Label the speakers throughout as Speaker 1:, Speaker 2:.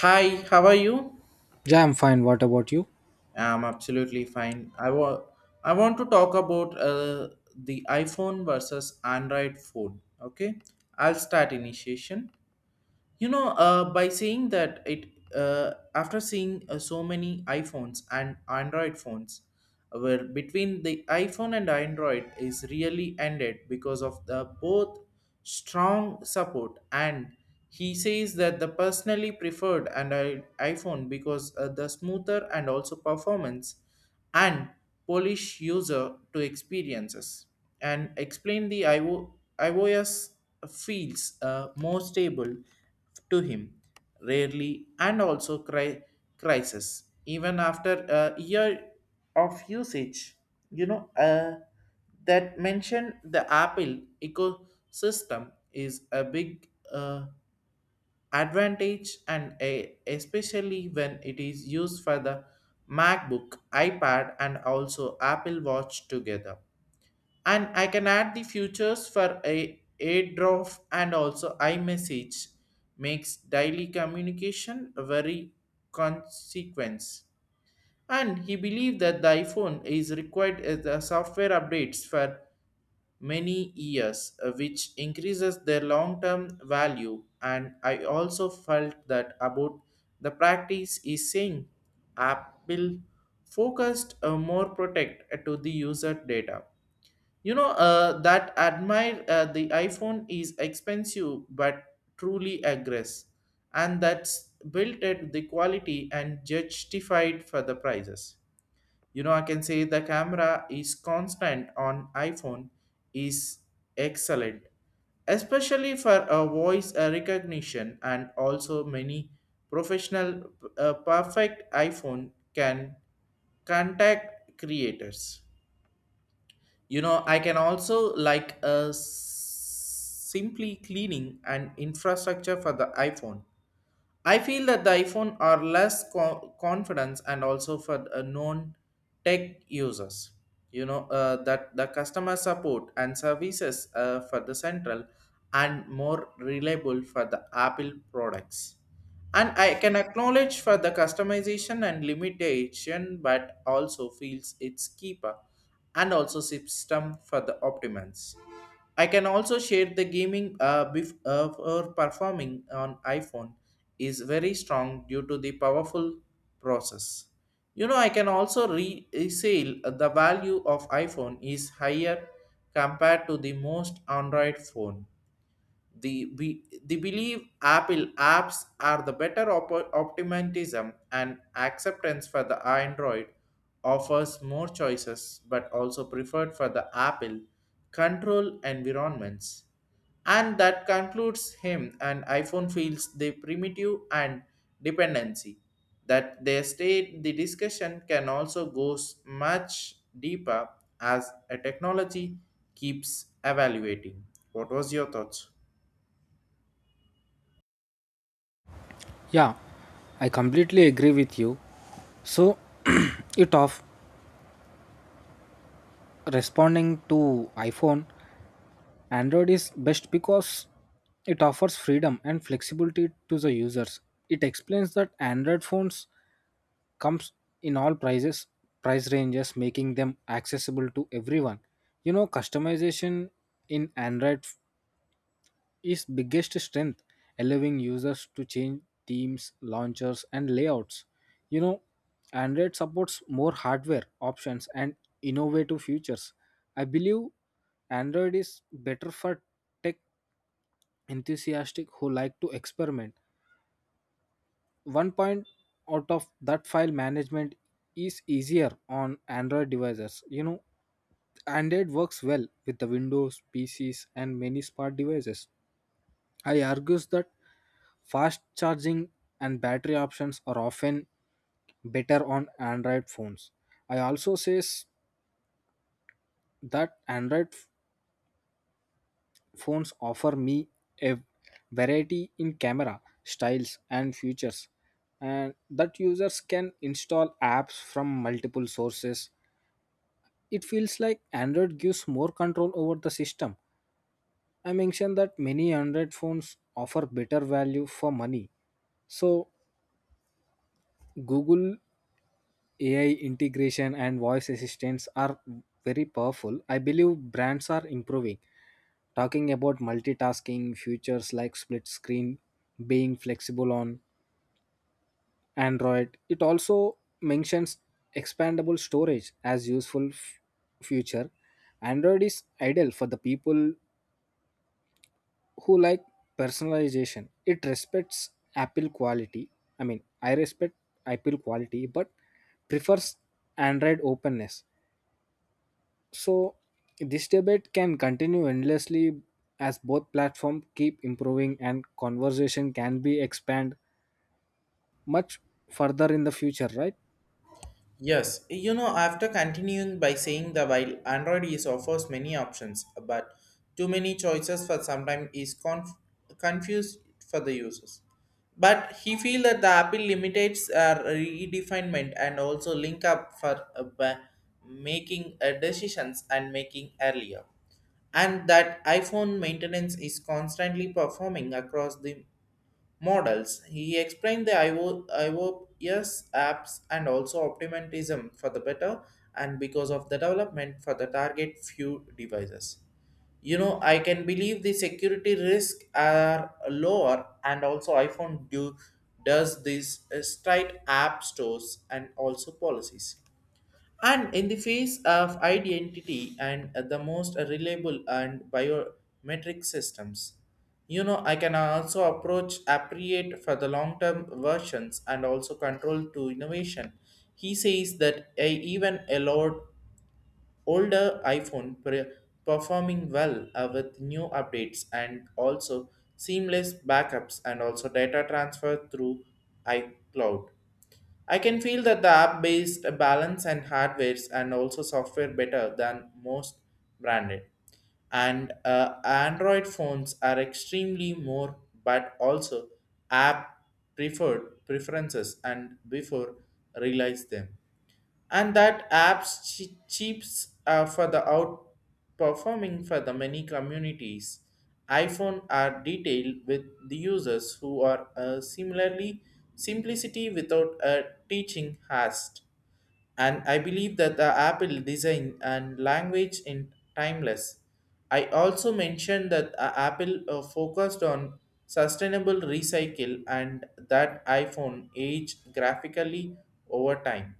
Speaker 1: Hi, how are you?
Speaker 2: Yeah, I'm fine. What about you?
Speaker 1: I'm absolutely fine. I want to talk about the iPhone versus Android phone. Okay, I'll start initiation. By saying that after seeing so many iPhones and Android phones, where between the iPhone and Android is really ended because of the both strong support and he says that the personally preferred and iPhone because the smoother and also performance and Polish user to experiences and explain the iOS feels more stable to him rarely and also cry crisis even after a year of usage you know uh, that mentioned the apple ecosystem is a big advantage and especially when it is used for the macbook ipad and also apple watch together, and I can add the futures for a airdrop and also iMessage makes daily communication a very consequence. And he believed that the iPhone is required as the software updates for many years, which increases their long-term value. And I also felt that about the practice is saying Apple focused more protect to the user data, that admire the iPhone is expensive but truly aggress, and that's built at the quality and justified for the prices. You know I can say the camera is constant on iPhone is excellent, especially for a voice recognition and also many professional perfect iPhone can contact creators. I can also like simply cleaning and infrastructure for the iphone. I feel that the iPhone are less confidence and also for known tech users. That the customer support and services for the central and more reliable for the Apple products. And I can acknowledge for the customization and limitation, but also feels its keeper and also system for the optimums. I can also share the gaming before performing on iPhone is very strong due to the powerful process. You know, I can also resale the value of iPhone is higher compared to the most Android phone. They believe Apple apps are the better optimism and acceptance for the Android offers more choices but also preferred for the Apple control environments. And that concludes him and iPhone feels the primitive and dependency. That they state the discussion can also goes much deeper as a technology keeps evaluating. What was your thoughts?
Speaker 2: Yeah, I completely agree with you. So, it of responding to iPhone, Android is best because it offers freedom and flexibility to the users. It explains that Android phones comes in all prices, price ranges, making them accessible to everyone. You know, customization in Android is biggest strength, allowing users to change themes, launchers, and layouts. You know, Android supports more hardware options and innovative features. I believe Android is better for tech enthusiastic who like to experiment. One point out of that file management is easier on Android devices. You know, Android works well with the Windows, PCs, and many smart devices. I argues that fast charging and battery options are often better on Android phones. I also say that phones offer me a variety in camera styles and features and that users can install apps from multiple sources. It feels like Android gives more control over the system. I mentioned that many Android phones offer better value for money. So Google AI integration and voice assistants are very powerful. I believe brands are improving. Talking about multitasking features like split screen being flexible on Android, it also mentions expandable storage as feature. Android is ideal for the people who like personalization. It respects Apple quality. I mean, I respect Apple quality, but prefers Android openness. So this debate can continue endlessly as both platforms keep improving and conversation can be expand much further in the future, right?
Speaker 1: Yes, you know, after continuing by saying that while Android is offers many options, but too many choices for sometimes is confused for the users. But he feel that the Apple limitates redefinement and also link up for making decisions and making earlier, and that iPhone maintenance is constantly performing across the models. He explained the IOPS apps and also optimism for the better and because of the development for the target few devices. You know, I can believe the security risk are lower and also does these straight app stores and also policies. And in the face of identity and the most reliable and biometric systems, you know, I can also approach appropriate for the long-term versions and also control to innovation. He says that even a lot older performing well with new updates and also seamless backups and also data transfer through iCloud. I can feel that the app based balance and hardwares and also software better than most branded. And Android phones are extremely more, but also app preferred preferences and before realize them, and that apps cheaps for the outperforming for the many communities. iPhone are detailed with the users who are similarly simplicity without a teaching hast, and I believe that the Apple design and language in timeless. I also mentioned that Apple focused on sustainable recycle, and that iPhone aged graphically over time.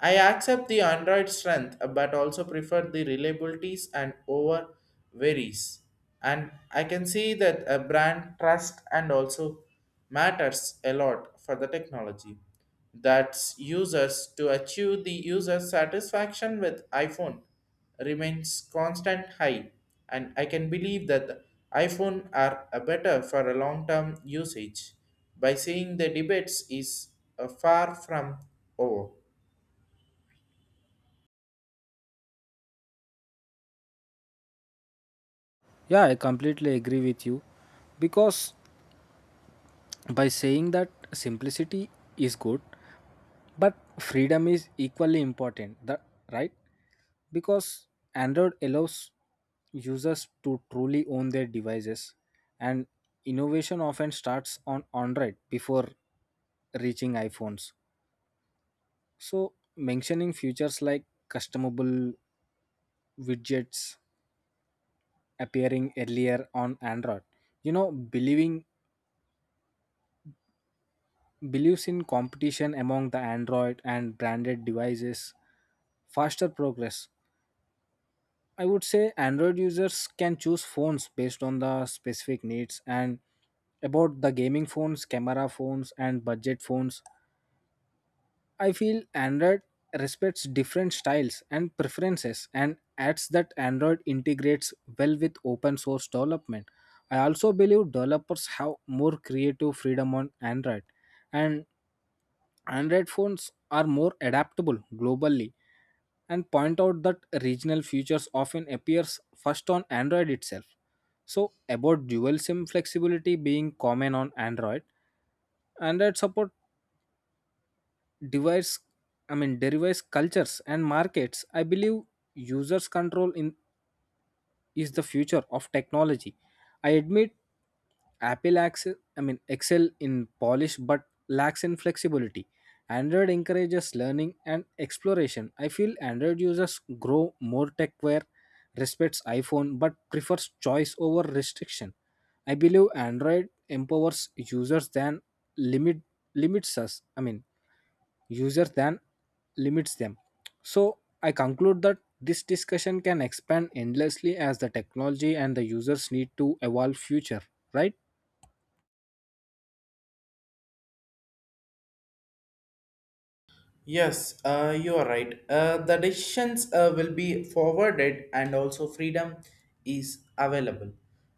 Speaker 1: I accept the Android strength but also prefer the reliabilities and over varies. And I can see that a brand trust and also matters a lot for the technology that's users to achieve the user satisfaction with iPhone remains constant high, and I can believe that the iPhone are a better for a long term usage by seeing the debates is far from over.
Speaker 2: Yeah, I completely agree with you because by saying that simplicity is good, but freedom is equally important, that, right? Because Android allows users to truly own their devices and innovation often starts on Android before reaching iPhones. So, mentioning features like customable widgets appearing earlier on Android, you know, believing believes in competition among the Android and branded devices, faster progress. I would say Android users can choose phones based on the specific needs and about the gaming phones, camera phones, and budget phones. I feel Android respects different styles and preferences and adds that Android integrates well with open source development. I also believe developers have more creative freedom on Android and Android phones are more adaptable globally and point out that regional features often appears first on Android itself. So about dual SIM flexibility being common on Android, Android support device I mean derives cultures and markets. I believe users control in is the future of technology. I admit apple access I mean excel in polish but lacks in flexibility. Android encourages learning and exploration. I feel Android users grow more tech aware, respects iPhone but prefers choice over restriction. I believe Android empowers users than limit limits us, I mean, user than limits them. So, I conclude that this discussion can expand endlessly as the technology and the users need to evolve future, right?
Speaker 1: Yes, you are right. The decisions will be forwarded, and also freedom is available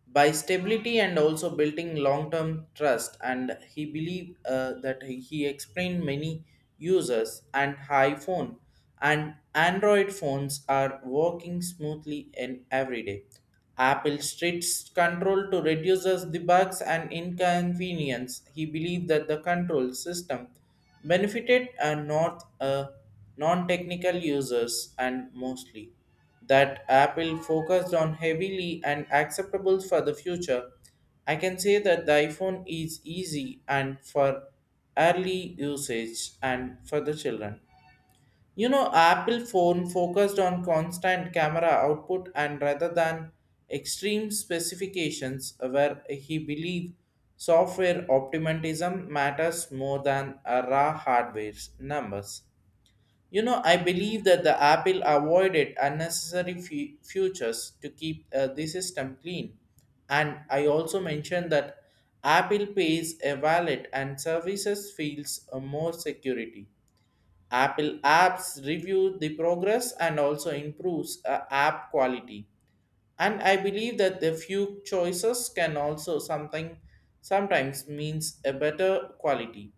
Speaker 1: by stability and also building long-term trust. And he believed that he explained many users and iPhone and Android phones are working smoothly in every day. Apple strict control to reduces the bugs and inconvenience. He believed that the control system benefited a not non-technical users and mostly that apple focused on heavily and acceptable for the future. I can say that the iphone is easy and for early usage and for the children. You know, Apple phone focused on constant camera output and rather than extreme specifications where he believed software optimism matters more than a raw hardware's numbers. You know, I believe that the Apple avoided unnecessary features to keep the system clean. And I also mentioned that Apple pays a wallet and services feels more security. Apple apps review the progress and also improves app quality. And I believe that the few choices can also something sometimes means a better quality.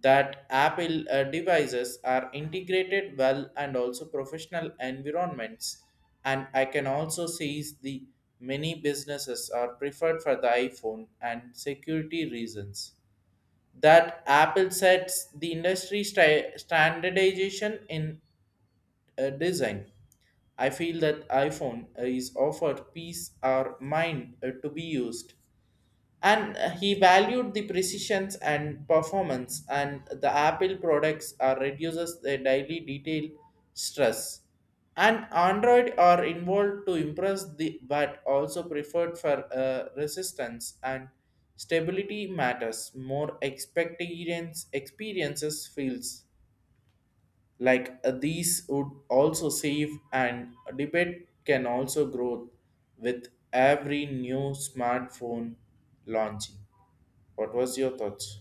Speaker 1: That Apple devices are integrated well and also professional environments. And I can also see the many businesses are preferred for the iPhone and security reasons, that Apple sets the industry standardization in design. I feel that iPhone is offered peace or mind to be used, and he valued the precisions and performance, and the apple products are reduces the daily detail stress, and android are involved to impress the but also preferred for resistance and stability matters more experiences feels like these would also save, and debate can also grow with every new smartphone launching. What was your thoughts?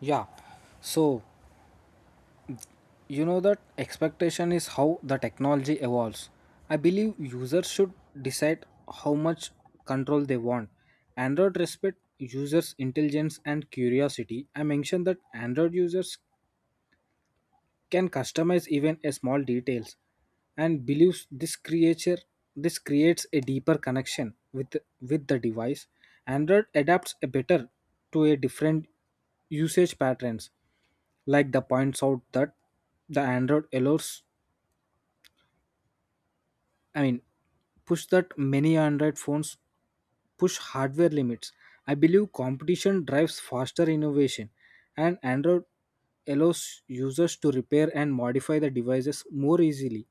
Speaker 2: Yeah. So, you know that expectation is how the technology evolves. I believe users should decide how much control they want. Android respect users' intelligence and curiosity. I mentioned that Android users can customize even a small details and believes this creature this creates a deeper connection with the device. Android adapts a better to a different usage patterns, like the points out that the android allows I mean push that many Android phones push hardware limits. I believe competition drives faster innovation, and Android allows users to repair and modify the devices more easily.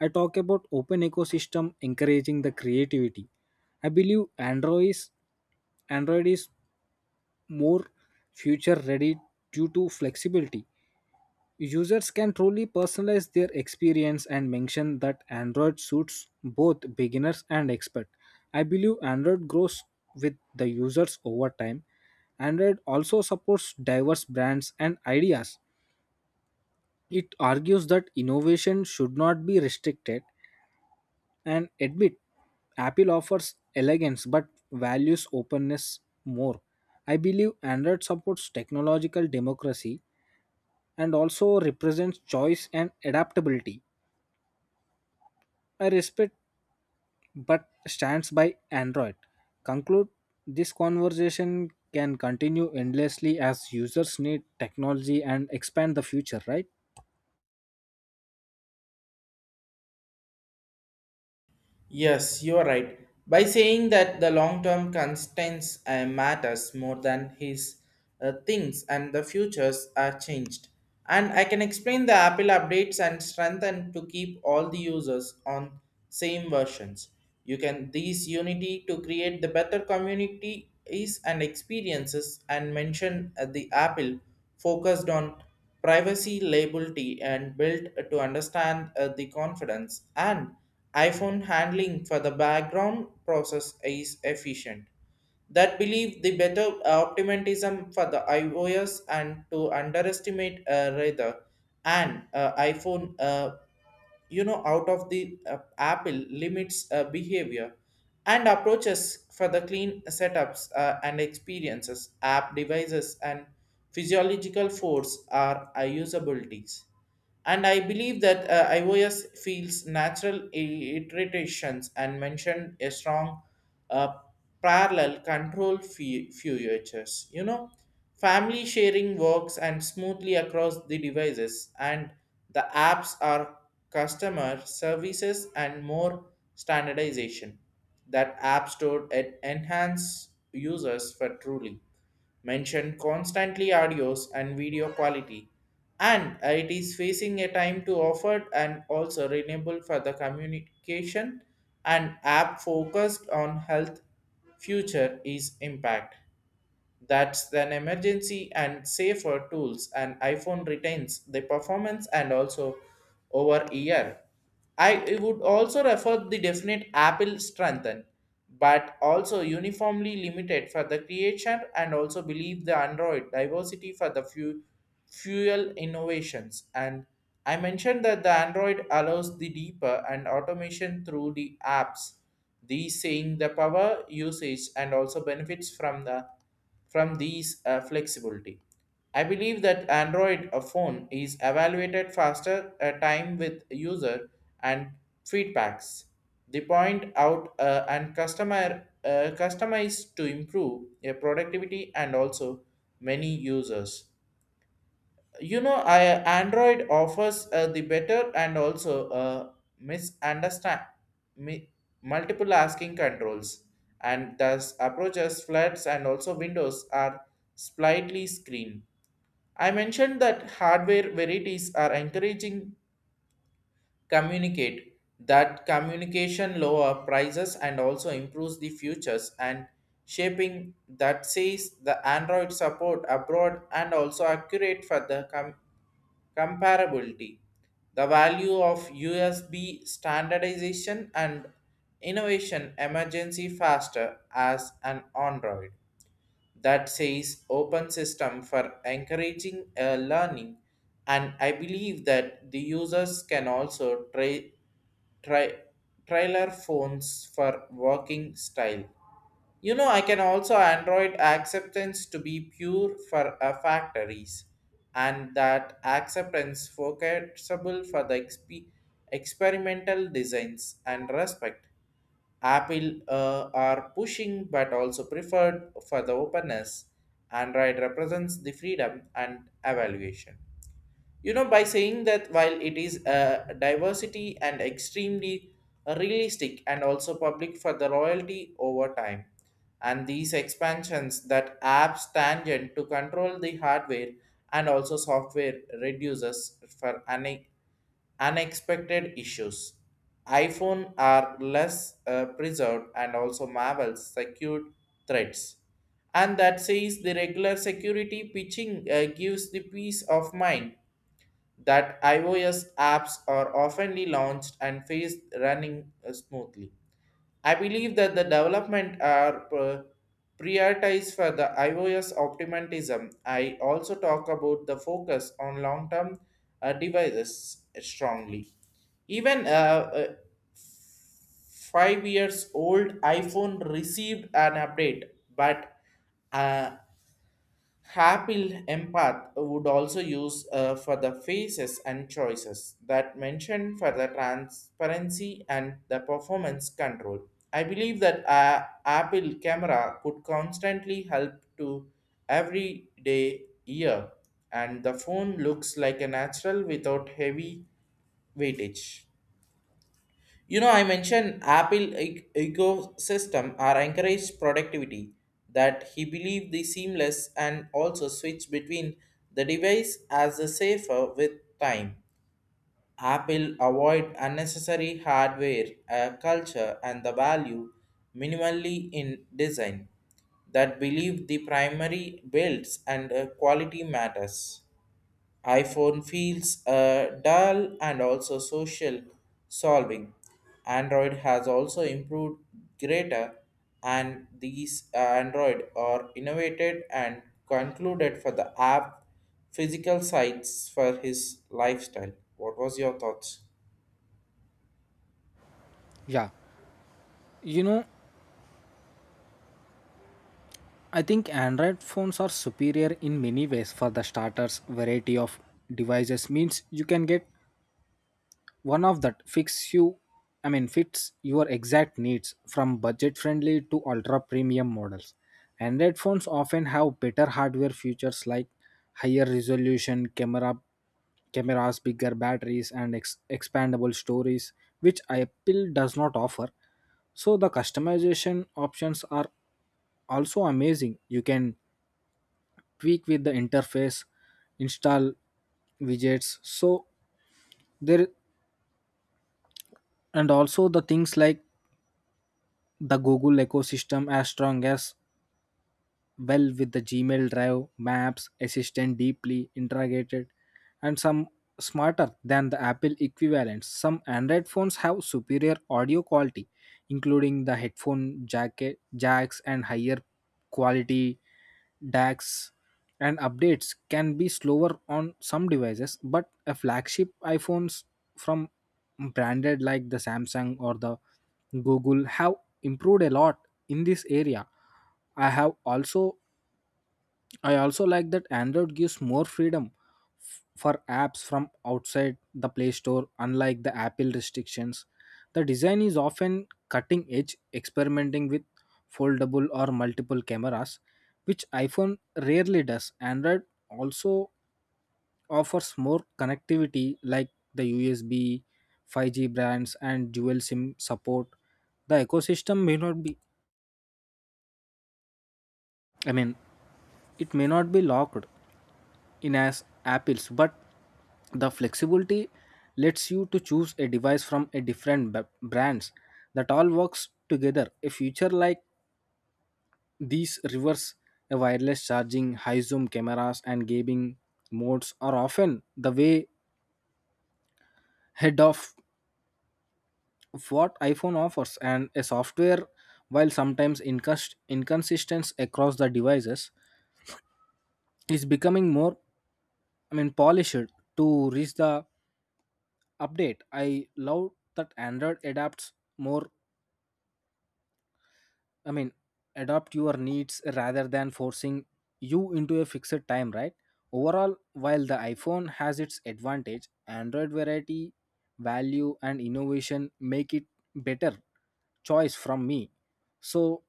Speaker 2: I talk about open ecosystem encouraging the creativity. I believe Android is more future ready due to flexibility. Users can truly personalize their experience and mention that Android suits both beginners and experts. I believe Android grows with the users over time. Android also supports diverse brands and ideas. It argues that innovation should not be restricted and admit Apple offers elegance but values openness more. I believe Android supports technological democracy and also represents choice and adaptability. I respect but stands by Android. Conclude this conversation can continue endlessly as users need technology and expand the future, right?
Speaker 1: Yes, you are right. By saying that the long-term constraints matters more than his things and the futures are changed. And I can explain the Apple updates and strengthen to keep all the users on same versions. You can these unity to create the better community is and experiences, and mention the Apple focused on privacy liability and built to understand the confidence, and iphone handling for the background process is efficient, that believe the better optimism for the ios and to underestimate rather and iphone you know out of the apple limits behavior and approaches for the clean setups and experiences app devices and physiological force are usabilities, and I believe that ios feels natural iterations, and mentioned a strong uh, parallel control features. You know, Family sharing works and smoothly across the devices, and the apps are customer services and more standardization. That app store enhance users for truly mention constantly audios and video quality, and it is facing a time to offer and also renewable for the communication, and app focused on health future is impact that's an emergency and safer tools, and iPhone retains the performance and also over year. I would also refer the definite Apple strengthen, but also uniformly limited for the creation, and also believe the Android diversity for the few fuel innovations. And I mentioned that the Android allows the deeper and automation through the apps. These saying the power usage and also benefits from these flexibility. I believe that Android phone is evaluated faster time with user and feedbacks. They point out and customer customize to improve their productivity and also many users. Android offers the better and also misunderstand mi- multiple asking controls, and thus approaches flats and also windows are slightly screened. I mentioned that hardware varieties are encouraging communicate that communication lower prices and also improves the futures and shaping, that says the android support abroad and also accurate for the Comparability. The value of USB standardization and innovation emergency faster as an Android, that says open system for encouraging learning, and I believe that the users can also try, try trailer phones for working style. You know, I can also Android acceptance to be pure for factories, and that acceptance focusable for the experimental designs and respect. Apple are pushing but also preferred for the openness. Android represents the freedom and evaluation. You know by saying that while it is diversity and extremely realistic and also public for the royalty over time, and these expansions that apps tangent to control the hardware and also software reduces for any unexpected issues. iPhone are less preserved and also Marvel's secured threats. And that says the regular security pitching gives the peace of mind that iOS apps are oftenly launched and faced running smoothly. I believe that the development are prioritized for the iOS optimism. I also talk about the focus on long-term devices strongly. Even a 5 years old iPhone received an update, but uh, Happy empath would also use for the faces and choices that mentioned for the transparency and the performance control. I believe that Apple camera could constantly help to everyday ear, and the phone looks like a natural without heavy weightage. You know, I mentioned Apple ecosystem are encouraged productivity that he believed the seamless and also switch between the device as the safer with time. Apple avoid unnecessary hardware culture and the value minimally in design that believe the primary builds and quality matters. IPhone feels dull and also social solving. Android has also improved greater, and these Android are innovated and concluded for the app physical sites for his lifestyle. What was your thoughts?
Speaker 2: Yeah. You know, I think Android phones are superior in many ways for the starters. Variety of devices means you can get one of that fix you I mean fits your exact needs, from budget friendly to ultra premium models. Android phones often have better hardware features like higher resolution cameras, bigger batteries, and expandable storage, which Apple does not offer. So the customization options are also amazing. You can tweak with the interface, install widgets, so there. And also the things like the Google ecosystem as strong as well, with the Gmail, Drive, Maps, Assistant deeply integrated and some smarter than the Apple equivalents. Some Android phones have superior audio quality, including the jacks and higher quality DACs, and updates can be slower on some devices, but a flagship iPhones from branded like the Samsung or the Google have improved a lot in this area. I have also I also like that Android gives more freedom for apps from outside the Play Store, unlike the Apple restrictions. The design is often cutting edge, experimenting with foldable or multiple cameras, which iPhone rarely does. Android also offers more connectivity, like the USB, 5G brands, and dual SIM support. The ecosystem may not be, I mean, it may not be locked in as apples, but the flexibility lets you to choose a device from a brands that all works together. A feature like these reverse a wireless charging, high zoom cameras, and gaming modes are often the way head of what iPhone offers. And a software, while sometimes inconsistent across the devices, is becoming more, I mean, polished to reach the update. I love that android adapts more I mean adapt your needs rather than forcing you into a fixed time, right? Overall, while the iPhone has its advantage, Android variety, value, and innovation make it better choice from me. So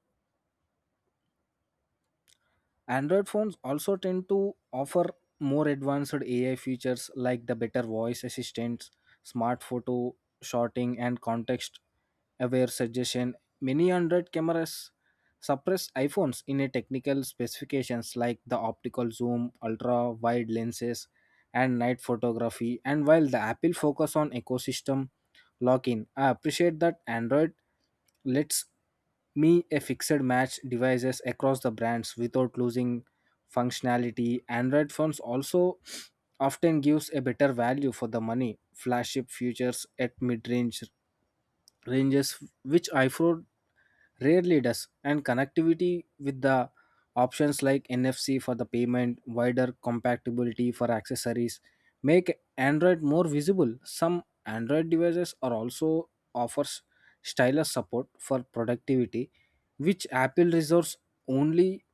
Speaker 2: Android phones also tend to offer more advanced AI features, like the better voice assistants, smart photo sorting, and context aware suggestion. Many Android cameras suppress iPhones in a technical specifications, like the optical zoom, ultra wide lenses, and night photography. And while the Apple focus on ecosystem lock-in, I appreciate that Android lets me a fixed match devices across the brands without losing functionality. Android phones also often gives a better value for the money, flagship features at mid-range ranges, which iPhone rarely does. And connectivity with the options like NFC for the payment, wider compatibility for accessories make Android more visible. Some Android devices are also offers stylus support for productivity, which Apple reserves only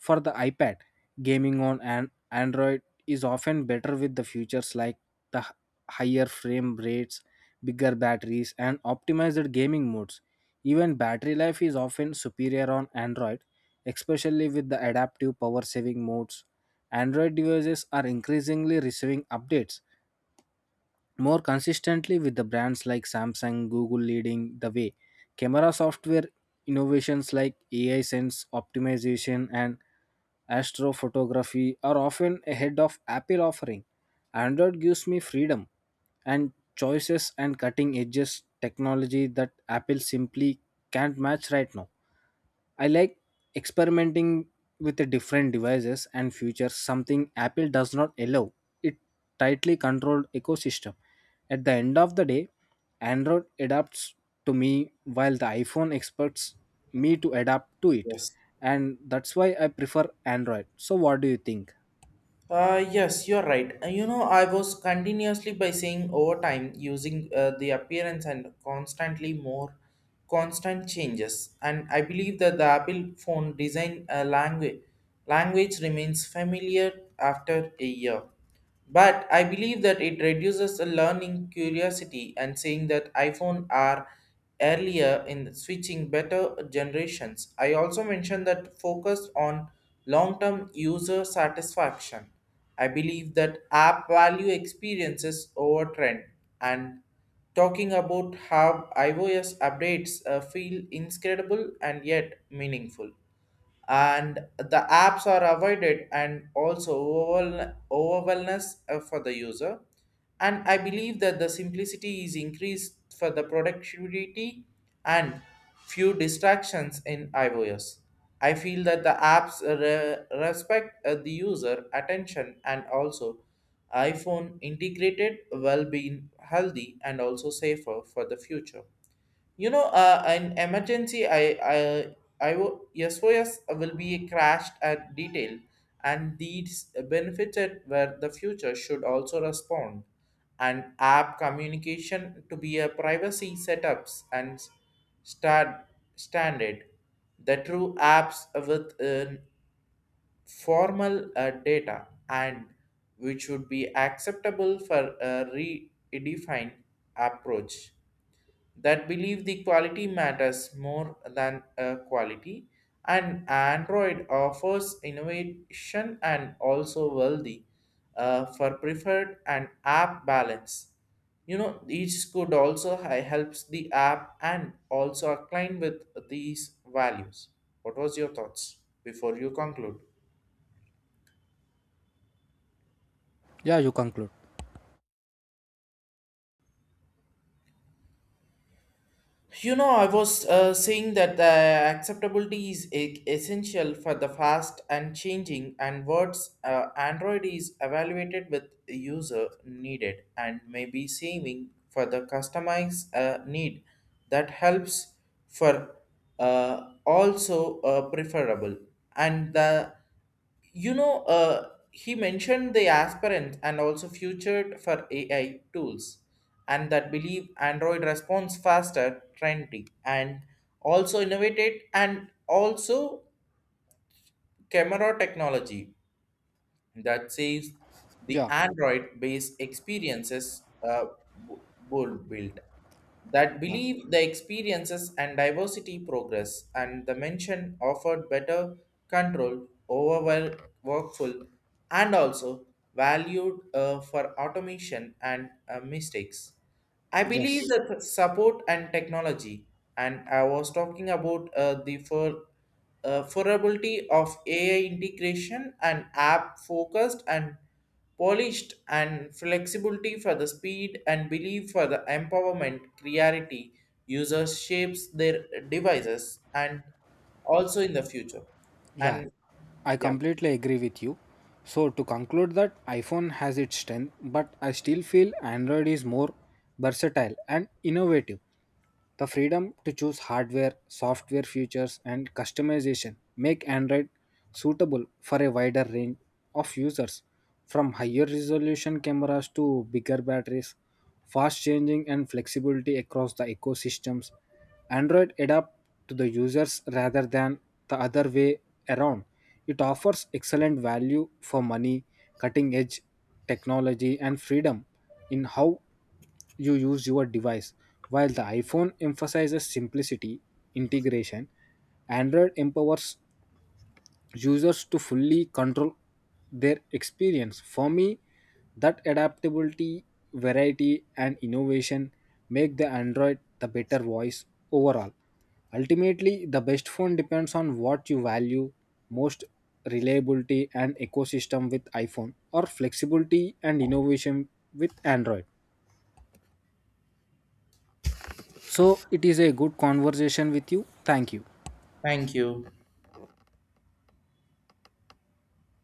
Speaker 2: for the iPad. Gaming on an Android is often better with the features like the h- higher frame rates, bigger batteries, and optimized gaming modes. Even battery life is often superior on Android, especially with the adaptive power saving modes. Android devices are increasingly receiving updates more consistently, with the brands like Samsung, Google leading the way. Camera software innovations like AI sense optimization and astrophotography are often ahead of Apple offering. Android gives me freedom and choices and cutting edges technology that Apple simply can't match right now. I like experimenting with the different devices and features, something Apple does not allow. It tightly controlled ecosystem. At the end of the day, Android adapts to me while the iPhone expects me to adapt to it.
Speaker 1: Yes.
Speaker 2: And that's why I prefer Android. So, what do you think?
Speaker 1: Yes, you're right. You know, I was continuously by saying over time using the appearance and constantly more constant changes. And I believe that the Apple phone design language remains familiar after a year. But I believe that it reduces the learning curiosity and saying that iPhone are earlier in switching better generations. I also mentioned that focus on long-term user satisfaction. I believe that app value experiences over trend, and talking about how iOS updates feel incredible and yet meaningful, and the apps are avoided and also overwhelmness for the user. And I believe that the simplicity is increased for the productivity and few distractions in iOS. I feel that the apps respect the user attention, and also iPhone integrated well being healthy and also safer for the future. You know, in emergency, I will, SOS will be crashed at detail, and these benefited where the future should also respond. And app communication to be a privacy setups and start standard. The true apps with formal data, and which would be acceptable for a redefined approach that believe the quality matters more than quality. And android offers innovation and also wealthy for preferred and app balance. You know, each could also helps the app and also align with these values. What was your thoughts before you conclude?
Speaker 2: Yeah, you conclude.
Speaker 1: You know, I was saying that the acceptability is essential for the fast and changing, and words Android is evaluated with user needed and may be saving for the customized need that helps for also preferable. And the, you know, he mentioned the aspirant and also futured for AI tools, and that believe android responds faster trendy and also innovated and also camera technology that saves the
Speaker 2: Yeah,
Speaker 1: Android based experiences. Bu- Bull built, that
Speaker 2: yeah,
Speaker 1: believe the experiences and diversity progress, and the mention offered better control over well workful and also valued for automation and mistakes. I believe
Speaker 2: yes,
Speaker 1: that support and technology, and I was talking about the for affordability of AI integration and app focused and polished and flexibility for the speed and belief for the empowerment clarity. Users shapes their devices and also in the future.
Speaker 2: yeah.
Speaker 1: And
Speaker 2: I
Speaker 1: yeah,
Speaker 2: completely agree with you. So to conclude that iPhone has its strength, but I still feel Android is more versatile and innovative. The freedom to choose hardware, software features, and customization make Android suitable for a wider range of users, from higher resolution cameras to bigger batteries. Fast changing and flexibility across the ecosystems. Android adapt to the users rather than the other way around. It offers excellent value for money, cutting edge technology, and freedom in how you use your device. While the iPhone emphasizes simplicity, integration, Android empowers users to fully control their experience. For me, that adaptability, variety, and innovation make the Android the better voice overall. Ultimately, the best phone depends on what you value most, reliability and ecosystem with iPhone, or flexibility and innovation with Android. So it is a good conversation with you. Thank you.
Speaker 1: thank you.